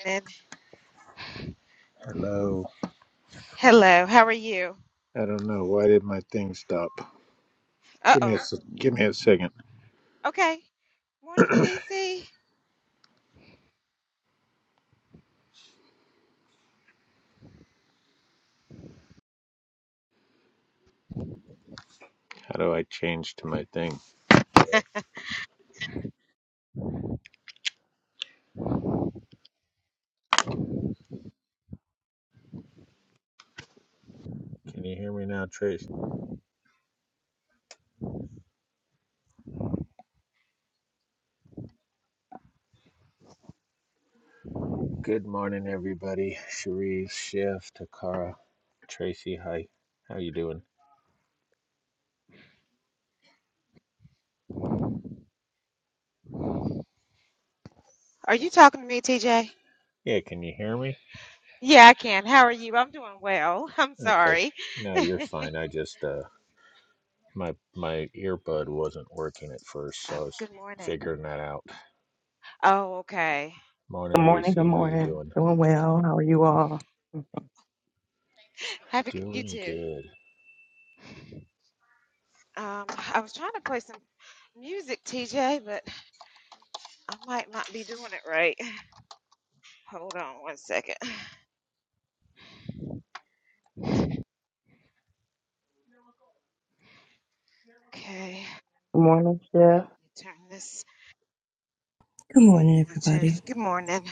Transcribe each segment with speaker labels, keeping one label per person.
Speaker 1: Morning.
Speaker 2: Hello.
Speaker 1: Hello. How are you?
Speaker 2: I don't know. Why did my thing stop?
Speaker 1: Uh
Speaker 2: Give me a
Speaker 1: oh.
Speaker 2: s- give me a second.
Speaker 1: Okay. Morning, Reese.
Speaker 2: How do I change to my thing? Can you hear me now, Trace? Good morning, everybody. Cherise, Chef, Takara, Tracy. Hi. How you doing?
Speaker 1: Are you talking to me, TJ?
Speaker 2: Yeah. Can you hear me?
Speaker 1: Yeah, I can. How are you? I'm doing well. I'm
Speaker 2: Okay.
Speaker 1: sorry.
Speaker 2: No, you're fine. I just uh my my earbud wasn't working at first, so I
Speaker 1: Oh,
Speaker 2: was
Speaker 1: good morning.
Speaker 2: figuring that out.
Speaker 1: Oh, okay.
Speaker 2: Morning,
Speaker 3: Good morning.
Speaker 2: Reese.
Speaker 3: Good
Speaker 2: How you
Speaker 3: morning.
Speaker 2: doing?
Speaker 3: Doing well. How are you all?
Speaker 1: Happy you
Speaker 2: Doing
Speaker 1: too.
Speaker 2: good.
Speaker 1: Um, I was trying to play some music, TJ, but I might not be doing it right. Hold on one second. Okay. Let
Speaker 3: Good morning, Chef.
Speaker 1: me turn this
Speaker 4: Good morning,
Speaker 1: Bluetooth.
Speaker 4: everybody.
Speaker 1: Good morning.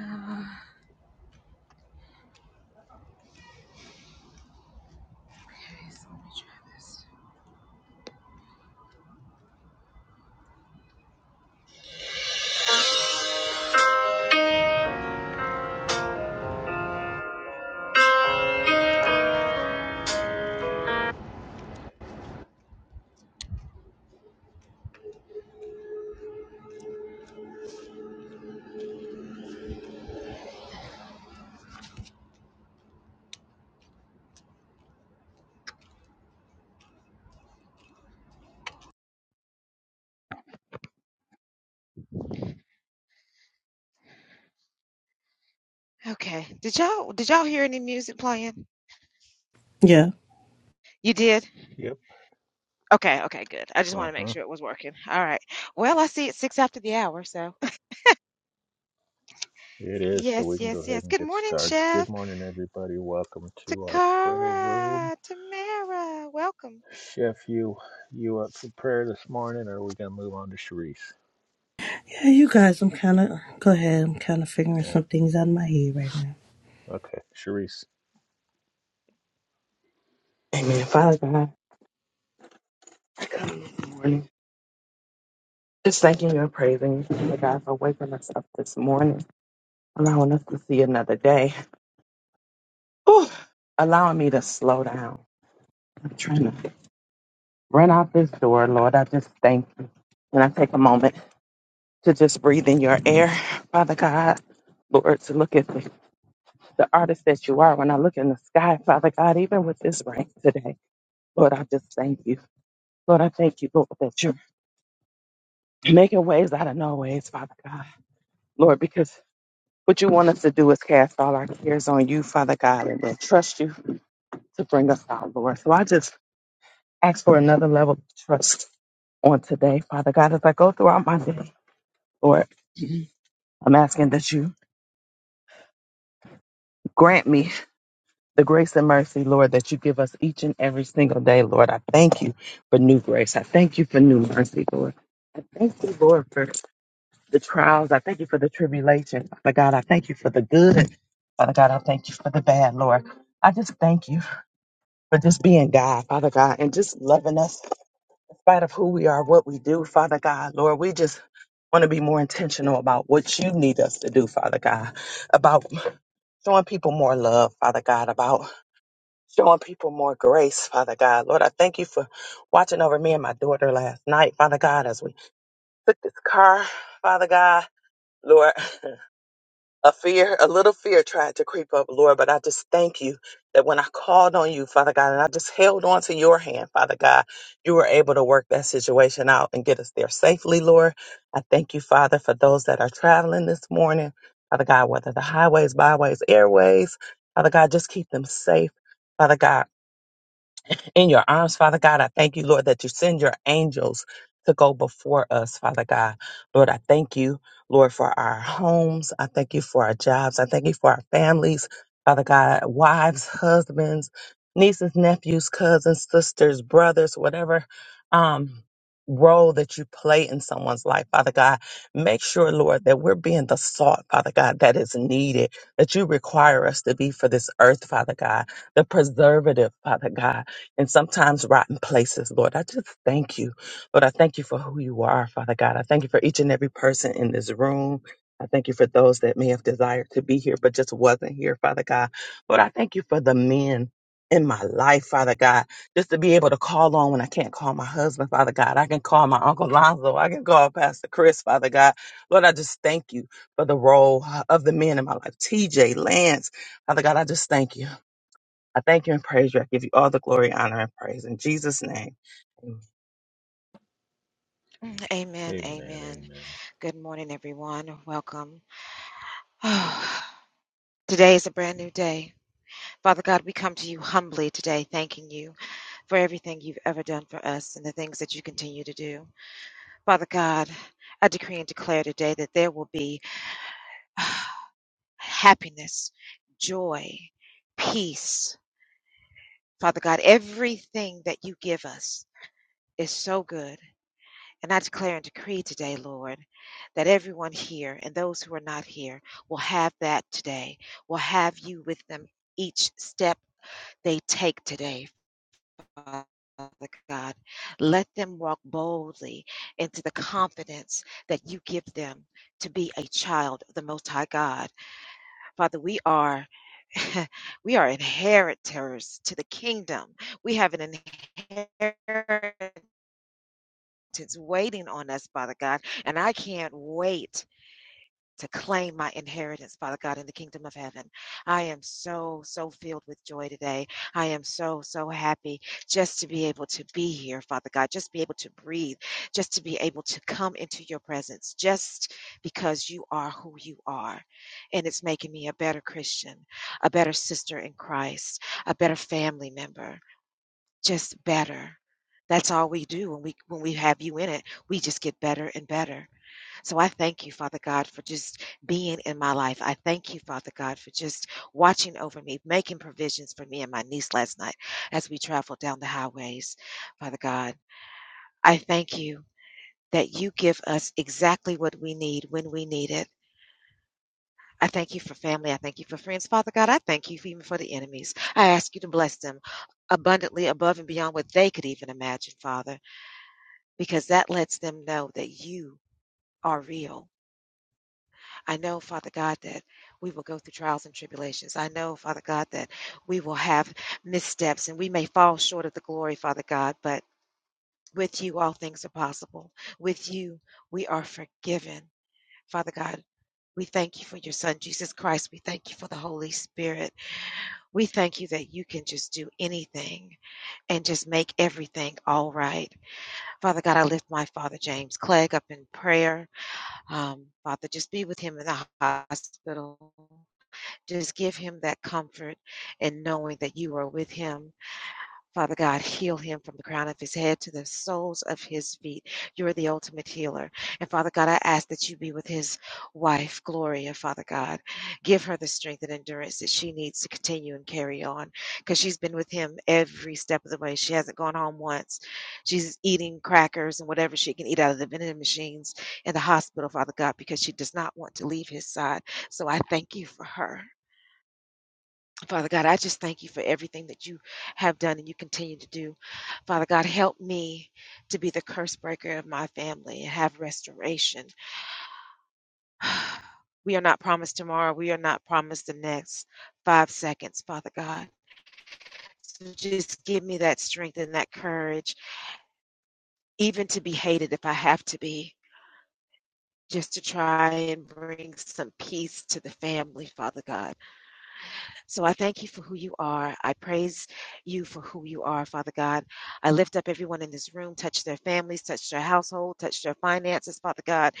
Speaker 1: Uh, okay, so let me try this. Okay. Did y'all did y'all hear any music playing?
Speaker 4: Yeah.
Speaker 1: You did?
Speaker 2: Yep.
Speaker 1: Okay, okay, good. I just want
Speaker 2: Uh
Speaker 1: to
Speaker 2: huh.
Speaker 1: make sure it was working. All right. Well, I see it's six after the hour, so
Speaker 2: It is, so
Speaker 1: yes,
Speaker 2: we can go
Speaker 1: yes,
Speaker 2: ahead
Speaker 1: yes.
Speaker 2: and
Speaker 1: Good
Speaker 2: get
Speaker 1: morning,
Speaker 2: started. Good
Speaker 1: Chef.
Speaker 2: morning, everybody. Welcome to our prayer room.
Speaker 1: Takara, Tamara, welcome.
Speaker 2: Chef, you you up for prayer this morning, or are we gonna move on to Sharice?
Speaker 4: Yeah, you guys, I'm kind of, go ahead, I'm kind of figuring
Speaker 2: There,
Speaker 4: some things out in my head right now.
Speaker 2: okay, Sharice.
Speaker 3: Amen. Father God, I come this morning. Just thanking you and praising you, Father God, for waking us up this morning, allowing us to see another day, Whew. allowing me to slow down. I'm trying to run out this door, Lord. I just thank you. And I take a moment to just breathe in your air, Father God. Lord, to look at the, the artist that you are. When I look in the sky, Father God, even with this rain today, Lord, I just thank you. Lord, I thank you, Lord, that you're making ways out of no ways, Father God. Lord, because what you want us to do is cast all our cares on you, Father God, and then trust you to bring us out, Lord. So I just ask for another level of trust on today, Father God. As I go throughout my day, Lord, I'm asking that you grant me the grace and mercy, Lord, that you give us each and every single day, Lord. I thank you for new grace. I thank you for new mercy, Lord. I thank you, Lord, for the trials. I thank you for the tribulation. Father God, I thank you for the good. Father God, I thank you for the bad, Lord. I just thank you for just being God, Father God, and just loving us in spite of who we are, what we do, Father God, Lord. We just want to be more intentional about what you need us to do, Father God, about showing people more love, Father God, about showing people more grace, Father God. Lord, I thank you for watching over me and my daughter last night, Father God, as we took this car, Father God. Lord. A fear, a little fear tried to creep up, Lord, but I just thank you that when I called on you, Father God, and I just held on to your hand, Father God, you were able to work that situation out and get us there safely, Lord. I thank you, Father, for those that are traveling this morning, Father God, whether the highways, byways, airways, Father God, just keep them safe. Father God, in your arms, Father God. I thank you, Lord, that you send your angels to go before us, Father God. Lord, I thank you, Lord, for our homes. I thank you for our jobs. I thank you for our families, Father God, wives, husbands, nieces, nephews, cousins, sisters, brothers, whatever. Um, role that you play in someone's life, Father God. Make sure, Lord, that we're being the salt, Father God, that is needed, that you require us to be for this earth, Father God, the preservative, Father God and sometimes rotten places, Lord. I just thank you. Lord, I thank you for who you are, Father God. I thank you for each and every person in this room. I thank you for those that may have desired to be here but just wasn't here, Father God. Lord, I thank you for the men in my life, Father God, just to be able to call on when I can't call my husband, Father God. I can call my Uncle Lonzo. I can call Pastor Chris, Father God. Lord, I just thank you for the role uh, of the men in my life. TJ, Lance, Father God, I just thank you. I thank you and praise you. I give you all the glory, honor, and praise. In Jesus' name. Amen.
Speaker 1: Mm, Amen,
Speaker 2: Amen,
Speaker 1: amen.
Speaker 2: amen,
Speaker 1: Good morning, everyone. Welcome. Oh, today is a brand new day. Father God, we come to you humbly today, thanking you for everything you've ever done for us and the things that you continue to do. Father God, I decree and declare today that there will be happiness, joy, peace. Father God, everything that you give us is so good. And I declare and decree today, Lord, that everyone here and those who are not here will have that today, will have you with them each step they take today, Father God. Let them walk boldly into the confidence that you give them to be a child of the Most High God. Father, we are. We are inheritors to the kingdom. We have an inheritance waiting on us, Father God, and I can't wait to claim my inheritance, Father God, in the kingdom of heaven. I am so, so filled with joy today. I am so, so happy just to be able to be here, Father God, just be able to breathe, just to be able to come into your presence, just because you are who you are. And it's making me a better Christian, a better sister in Christ, a better family member, just better. That's all we do when we when we have you in it. We just get better and better. So I thank you, Father God, for just being in my life. I thank you, Father God, for just watching over me, making provisions for me and my niece last night as we traveled down the highways. Father God, I thank you that you give us exactly what we need when we need it. I thank you for family. I thank you for friends. Father God, I thank you for even for the enemies. I ask you to bless them abundantly above and beyond what they could even imagine, Father, because that lets them know that you are real I know, Father God, that we will go through trials and tribulations. I know, Father God, that we will have missteps and we may fall short of the glory, Father God, but with you, all things are possible. With you, we are forgiven. Father God, we thank you for your Son, Jesus Christ. We thank you for the Holy Spirit. We thank you that you can just do anything and just make everything all right. Father God, I lift my father James Clegg up in prayer. Um, Father, just be with him in the hospital. Just give him that comfort and knowing that you are with him. Father God, heal him from the crown of his head to the soles of his feet. You are the ultimate healer. And Father God, I ask that you be with his wife, Gloria, Father God. Give her the strength and endurance that she needs to continue and carry on because she's been with him every step of the way. She hasn't gone home once. She's eating crackers and whatever she can eat out of the vending machines in the hospital, Father God, because she does not want to leave his side. So I thank you for her. Father God, I just thank you for everything that you have done and you continue to do. Father God, help me to be the curse breaker of my family and have restoration. We are not promised tomorrow. We are not promised the next five seconds, Father God. So just give me that strength and that courage, even to be hated if I have to be, just to try and bring some peace to the family, Father God. So I thank you for who you are. I praise you for who you are, Father God. I lift up everyone in this room, touch their families, touch their household, touch their finances, Father God.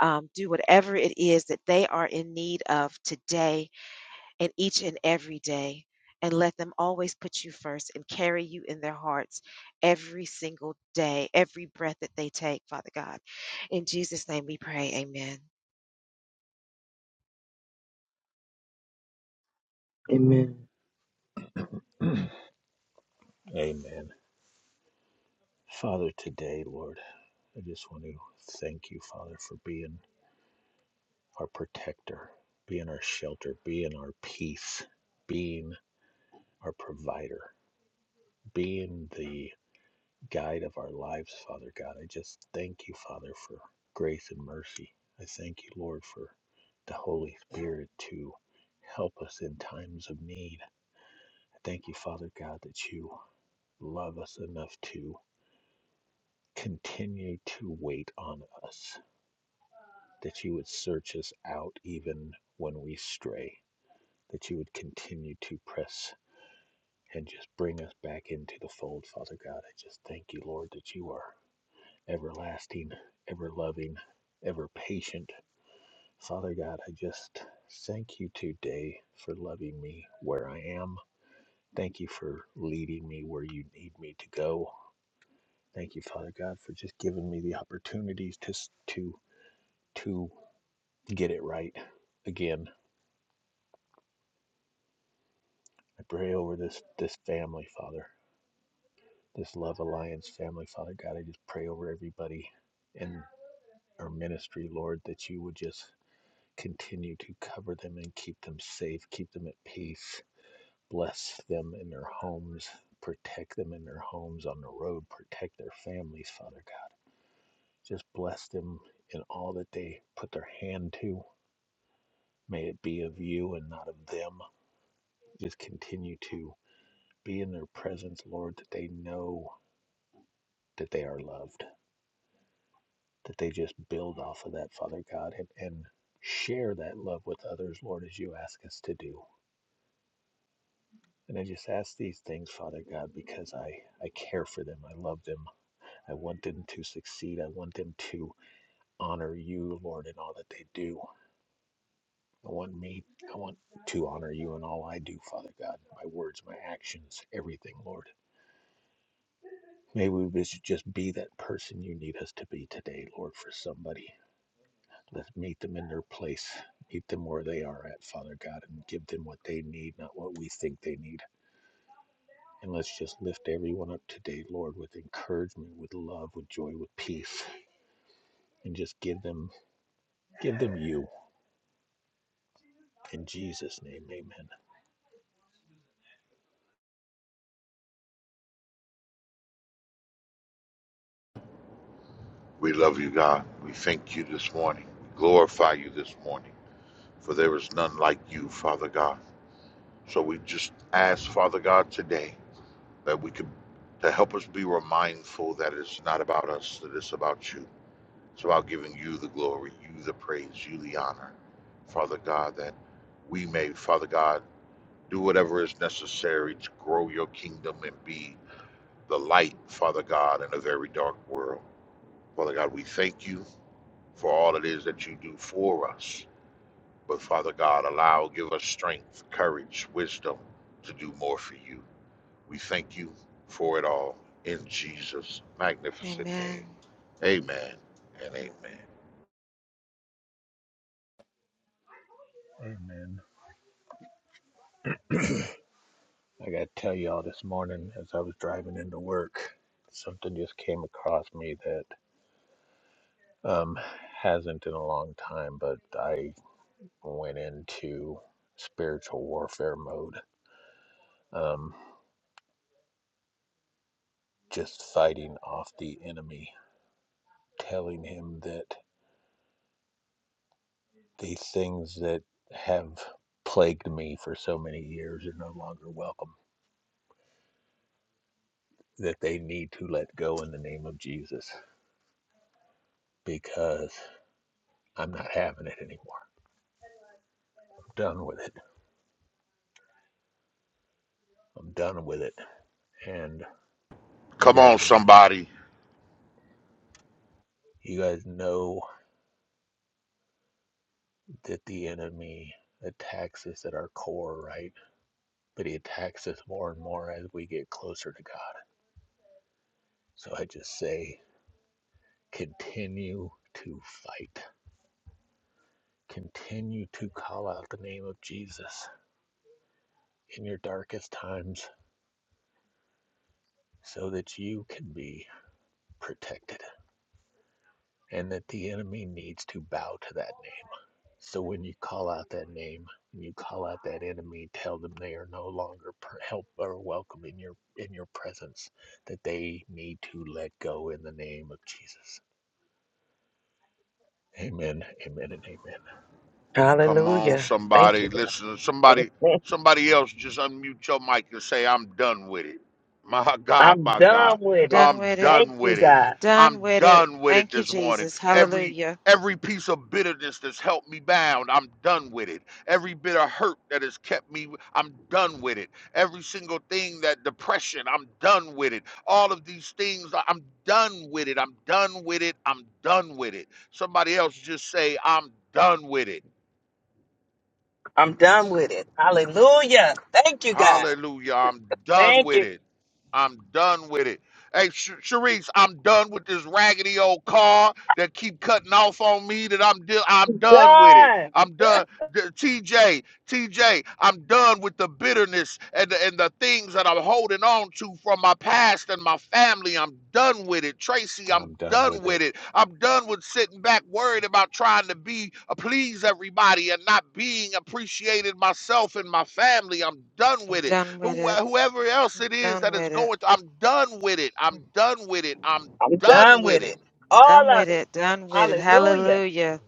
Speaker 1: Um, do whatever it is that they are in need of today and each and every day. And let them always put you first and carry you in their hearts every single day, every breath that they take, Father God. In Jesus' name we pray. Amen.
Speaker 3: Amen.
Speaker 2: amen. Father, today, Lord, I just want to thank you, Father, for being our protector, being our shelter, being our peace, being our provider, being the guide of our lives, Father God. I just thank you, Father, for grace and mercy. I thank you, Lord, for the Holy Spirit to help us in times of need. I thank you, Father God, that you love us enough to continue to wait on us, that you would search us out even when we stray, that you would continue to press and just bring us back into the fold, Father God. I just thank you, Lord, that you are. everlasting, ever loving, ever patient. Father God, I just thank you today for loving me where I am. Thank you for leading me where you need me to go. Thank you, Father God, for just giving me the opportunities to s- to to get it right again. I pray over this this family, Father, this Love Alliance family, Father God. I just pray over everybody in our ministry, Lord, that you would just Continue to cover them and keep them safe, keep them at peace, bless them in their homes, protect them in their homes on the road, protect their families, Father God. Just bless them in all that they put their hand to. May it be of you and not of them. Just continue to be in their presence, Lord, that they know that they are loved, that they just build off of that, Father God, and, and share that love with others, Lord, as you ask us to do. And I just ask these things, Father God, because I, I care for them. I love them. I want them to succeed. I want them to honor you, Lord, in all that they do. I want me, I want to honor you in all I do, Father God, my words, my actions, everything, Lord. May we just just be that person you need us to be today, Lord, for somebody. Let's meet them in their place, meet them where they are at, Father God, and give them what they need, not what we think they need. And let's just lift everyone up today, Lord, with encouragement, with love, with joy, with peace, and just give them give them you in Jesus' name. Amen.
Speaker 5: We love you, God. We thank you this morning. We glorify you this morning, for there is none like you, Father God. So we just ask, Father God, today that we could to help us be mindful that it's not about us, that it's about you. It's about giving you the glory, you the praise, you the honor, Father God, that we may, Father God, do whatever is necessary to grow your kingdom and be the light, Father God, in a very dark world. Father God, we thank you. for all it is that you do for us. But Father God, allow, give us strength, courage, wisdom to do more for you. We thank you for it all in Jesus' magnificent
Speaker 1: Amen.
Speaker 5: name. Amen and amen.
Speaker 2: Amen. I gotta tell y'all this morning as I was driving into work, something just came across me that um hasn't in a long time, but I went into spiritual warfare mode. Um just fighting off the enemy, telling him that These things that have plagued me for so many years are no longer welcome, that they need to let go in the name of Jesus because I'm not having it anymore. I'm done with it. I'm done with it. And you
Speaker 5: Come
Speaker 2: guys,
Speaker 5: on, somebody.
Speaker 2: you guys know that the enemy attacks us at our core, right? But he attacks us more and more as we get closer to God. So I just say, continue to fight. Continue to call out the name of Jesus. in your darkest times so that you can be protected and that the enemy needs to bow to that name. So when you call out that name, when you call out that enemy, tell them they are no longer help or welcome in your in your presence, that they need to let go in the name of Jesus. Amen. Amen and amen.
Speaker 5: Come on,
Speaker 3: Hallelujah. Thank
Speaker 5: somebody.
Speaker 3: you, God.
Speaker 5: Listen, somebody somebody else just unmute your mic and say, I'm done with it. My God,
Speaker 3: I'm
Speaker 5: my
Speaker 3: done
Speaker 5: God.
Speaker 1: I'm
Speaker 3: with it.
Speaker 1: done
Speaker 5: I'm
Speaker 1: with it.
Speaker 3: Thank
Speaker 5: done
Speaker 3: you,
Speaker 5: with it.
Speaker 3: God.
Speaker 1: Done
Speaker 5: I'm
Speaker 1: with it.
Speaker 5: done with it
Speaker 1: Thank you,
Speaker 5: this morning.
Speaker 1: Jesus.
Speaker 5: Every
Speaker 1: Hallelujah.
Speaker 5: every piece of bitterness that's held me bound, I'm done with it. Every bit of hurt that has kept me, I'm done with it. Every single thing that depression, I'm done with it. All of these things, I- I'm done with it. I'm done with it. I'm done with it. Somebody else just say, I'm done with it.
Speaker 3: I'm done with it. Hallelujah. Thank you, God.
Speaker 5: Hallelujah. I'm done
Speaker 3: Thank
Speaker 5: with
Speaker 3: you,
Speaker 5: it. I'm done with it. Hey, Sh- Sharice, I'm done with this raggedy old car that keep cutting off on me. That I'm di- I'm done with it.
Speaker 3: God.
Speaker 5: I'm done. D- TJ, TJ, I'm done with the bitterness and the, and the things that I'm holding on to from my past and my family. I'm done with it. Tracy, I'm
Speaker 2: I'm done
Speaker 5: done
Speaker 2: with
Speaker 5: with
Speaker 2: it.
Speaker 5: it. I'm done with sitting back worried about trying to be uh, please everybody and not being appreciated myself and my family. I'm done
Speaker 1: I'm
Speaker 5: with it.
Speaker 1: done with
Speaker 5: Who
Speaker 1: it.
Speaker 5: whoever else it is
Speaker 1: Done
Speaker 5: that is
Speaker 1: with it.
Speaker 5: going to, I'm done with it. I'm done with it. I'm
Speaker 3: I'm
Speaker 5: done
Speaker 3: done
Speaker 5: with
Speaker 3: with
Speaker 5: it.
Speaker 3: it. All
Speaker 1: Done with
Speaker 3: of it.
Speaker 1: it. Done with it.
Speaker 3: Hallelujah.
Speaker 1: Hallelujah.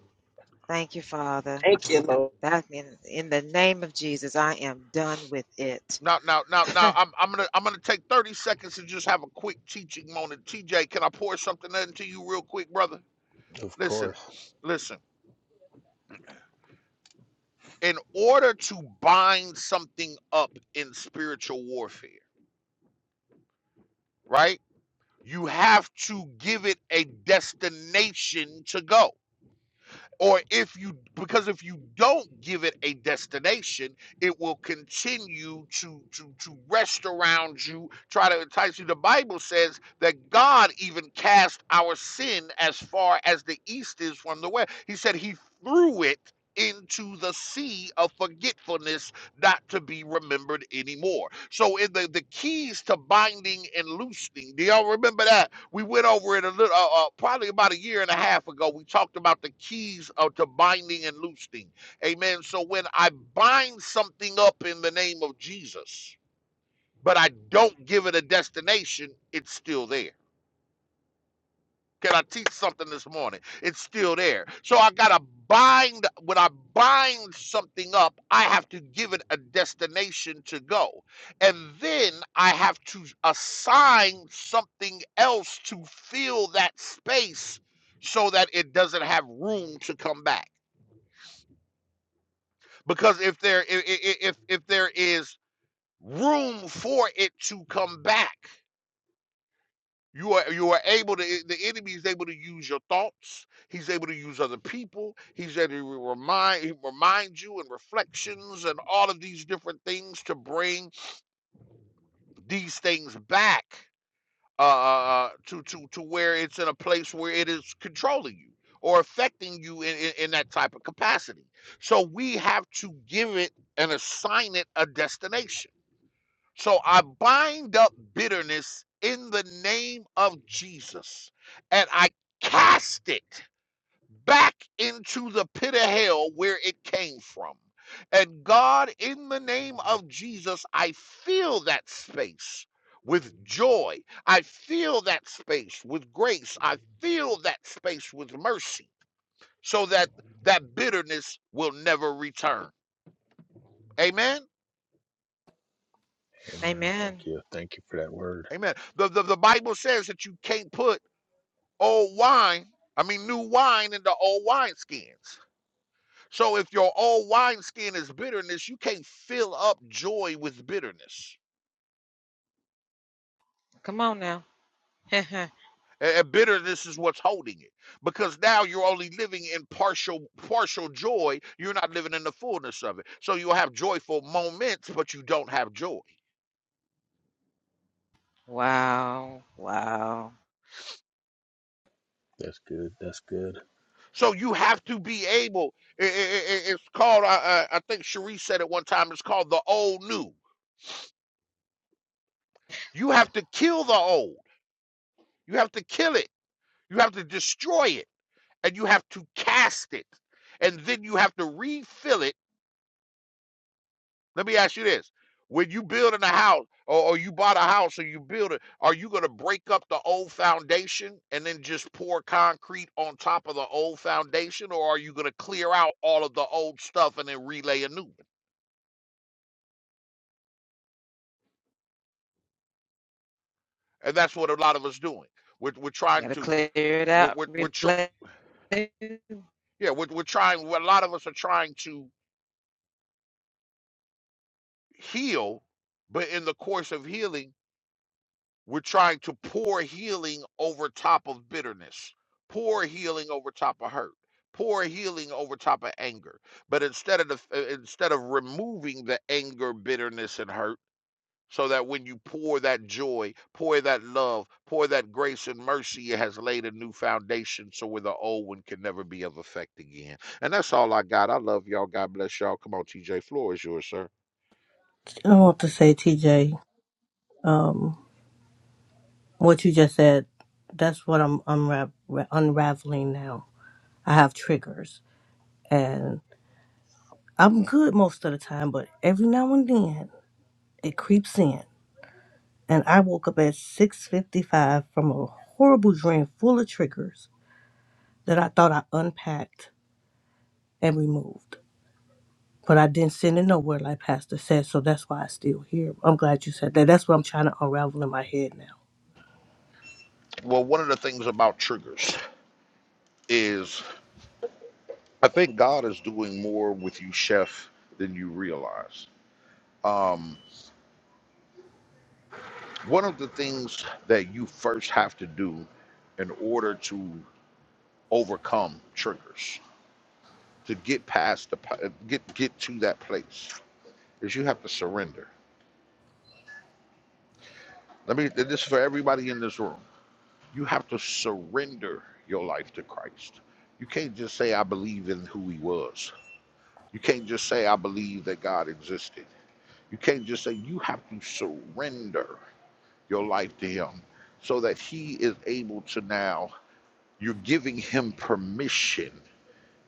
Speaker 1: Thank you, Father.
Speaker 3: Thank you, Lord.
Speaker 1: That in, in the name of Jesus, I am done with it.
Speaker 5: Now, now, now, now, I'm, I'm gonna, I'm gonna take 30 seconds to just have a quick teaching moment. TJ, can I pour something into you real quick, brother?
Speaker 2: Of
Speaker 5: Listen,
Speaker 2: course.
Speaker 5: listen. In order to bind something up in spiritual warfare, right? You have to give it a destination to go. or if you because if you don't give it a destination it will continue to to to rest around you try to entice you the bible says that god even cast our sin as far as the east is from the west he said he threw it into the sea of forgetfulness not to be remembered anymore. So in the, the keys to binding and loosening, do y'all remember that? We went over it a little, uh, uh, probably about a year and a half ago. We talked about the keys of, to binding and loosening. Amen. So when I bind something up in the name of Jesus, but I don't give it a destination, it's still there. Can I teach something this morning? It's still there. So I got to bind, when I bind something up, I have to give it a destination to go. And then I have to assign something else to fill that space so that it doesn't have room to come back. Because if there i- if if there is room for it to come back, You are you are able to the enemy is able to use your thoughts. He's able to use other people. He's able to remind remind you and reflections and all of these different things to bring these things back uh, uh, to to to where it's in a place where it is controlling you or affecting you in, in, in that type of capacity. So we have to give it and assign it a destination so I bind up bitterness in the name of Jesus and I cast it back into the pit of hell where it came from. And God, in the name of Jesus, I fill that space with joy. I fill that space with grace. I fill that space with mercy so that that bitterness will never return. Amen.
Speaker 2: Amen. Thank
Speaker 1: Amen.
Speaker 2: you. Thank you for that word.
Speaker 5: Amen. The, the, the Bible says that you can't put old wine, I mean, new wine into old wineskins. So if your old wineskin is bitterness, you can't fill up joy with bitterness.
Speaker 1: Come on now.
Speaker 5: And bitterness is what's holding it because now you're only living in partial partial joy. You're not living in the fullness of it. So you'll have joyful moments, but you don't have joy.
Speaker 1: wow. Wow.
Speaker 2: That's good. That's good.
Speaker 5: So you have to be able. i- i- It's called. I, I I think Cherie said it one time. It's called the old new. You have to kill the old. You have to kill it. You have to destroy it and you have to cast it. And then you have to refill it. Let me ask you this. When you build in a house or, or you bought a house or you build it, are you going to break up the old foundation and then just pour concrete on top of the old foundation? Or are you going to clear out all of the old stuff and then relay a new one? And that's what a lot of us doing. We're, we're trying
Speaker 1: Gotta
Speaker 5: to,
Speaker 1: clear it
Speaker 5: we're,
Speaker 1: out.
Speaker 5: we're, we're tr-
Speaker 1: Relate.
Speaker 5: yeah, we're, we're trying, a lot of us are trying to heal, but in the course of healing, We're trying to pour healing over top of bitterness, pour healing over top of hurt, pour healing over top of anger. But instead of the, uh, instead of removing the anger, bitterness, and hurt, so that when you pour that joy, pour that love, pour that grace and mercy, it has laid a new foundation so where the old one can never be of effect again. And that's all I got. I love y'all. God bless y'all. Come on, TJ. Floor is yours, sir.
Speaker 4: I want to say, TJ, um, what you just said, that's what I'm unra- unraveling now. I have triggers, and I'm good most of the time, but every now and then it creeps in. And I woke up at 6.55 from a horrible dream full of triggers that I thought I unpacked and removed. But I didn't send it nowhere, like Pastor said, so that's why I still here. I'm glad you said that. That's what I'm trying to unravel in my head now.
Speaker 5: Well, one of the things about triggers is I think God is doing more with you, Chef, than you realize. Um, one of the things that you first have to do in order to overcome triggers, to get past the pa- get get to that place, is you have to surrender. Let me. This is for everybody in this room. You have to surrender your life to Christ. You can't just say I believe in who He was. You can't just say I believe that God existed. You can't just say you have to surrender your life to Him so that He is able to now, you're giving Him permission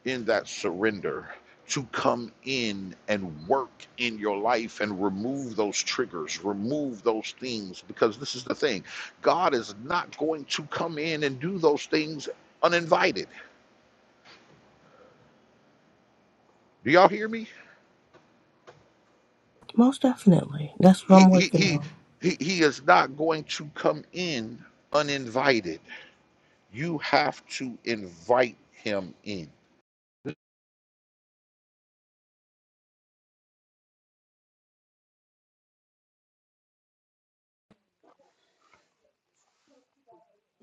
Speaker 5: in that surrender to come in and work in your life and remove those triggers, remove those things. Because this is the thing God is not going to come in and do those things uninvited. Do y'all hear me?
Speaker 4: Most definitely. That's what
Speaker 5: He,
Speaker 4: I'm
Speaker 5: he,
Speaker 4: working
Speaker 5: he,
Speaker 4: on.
Speaker 5: he, he is not going to come in uninvited. You have to invite him in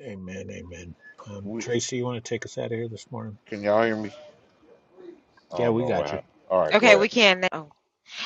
Speaker 2: Amen. Amen. Um,
Speaker 5: We.
Speaker 2: Tracy, you want to take us out of here this morning?
Speaker 5: Can y'all hear me? I
Speaker 2: Yeah,
Speaker 5: don't
Speaker 2: we
Speaker 5: know what
Speaker 2: got you.
Speaker 5: happened. All right, go
Speaker 1: Okay,
Speaker 5: ahead.
Speaker 1: we can now.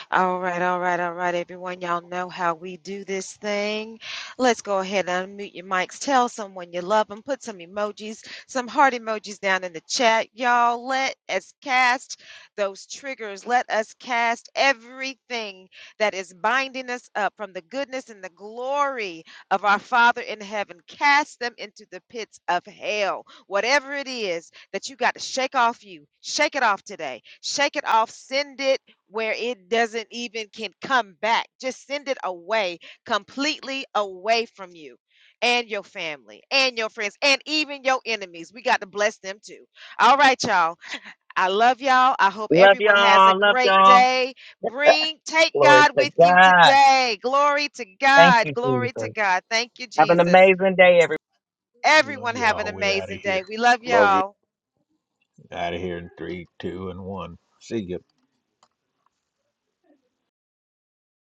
Speaker 1: All right, all right, all right, everyone. Y'all know how we do this thing. Let's go ahead and unmute your mics. Tell someone you love them. Put some emojis, some heart emojis down in the chat. Y'all, let us cast those triggers. Let us cast everything that is binding us up from the goodness and the glory of our Father in heaven. Cast them into the pits of hell. Whatever it is that you got to shake off you, shake it off today. Shake it off. Send it where it doesn't even can come back. Just send it away, completely away from you and your family and your friends and even your enemies. We got to bless them too. All right, y'all. I love y'all. I hope
Speaker 3: Love
Speaker 1: everyone has a
Speaker 3: y'all. Love
Speaker 1: great
Speaker 3: y'all.
Speaker 1: day. Bring take
Speaker 3: Glory
Speaker 1: God
Speaker 3: to
Speaker 1: with you
Speaker 3: God.
Speaker 1: today. Glory to
Speaker 3: Thank
Speaker 1: God.
Speaker 3: you,
Speaker 1: Glory to
Speaker 3: Jesus.
Speaker 1: God. Thank you
Speaker 3: Have an
Speaker 1: Jesus.
Speaker 3: amazing day,
Speaker 1: Everyone
Speaker 2: Love
Speaker 1: have an
Speaker 2: y'all. We out of
Speaker 1: amazing day.
Speaker 2: here.
Speaker 1: We love
Speaker 5: Love you.
Speaker 1: y'all.
Speaker 2: Out of here in three, two, and one. See ya.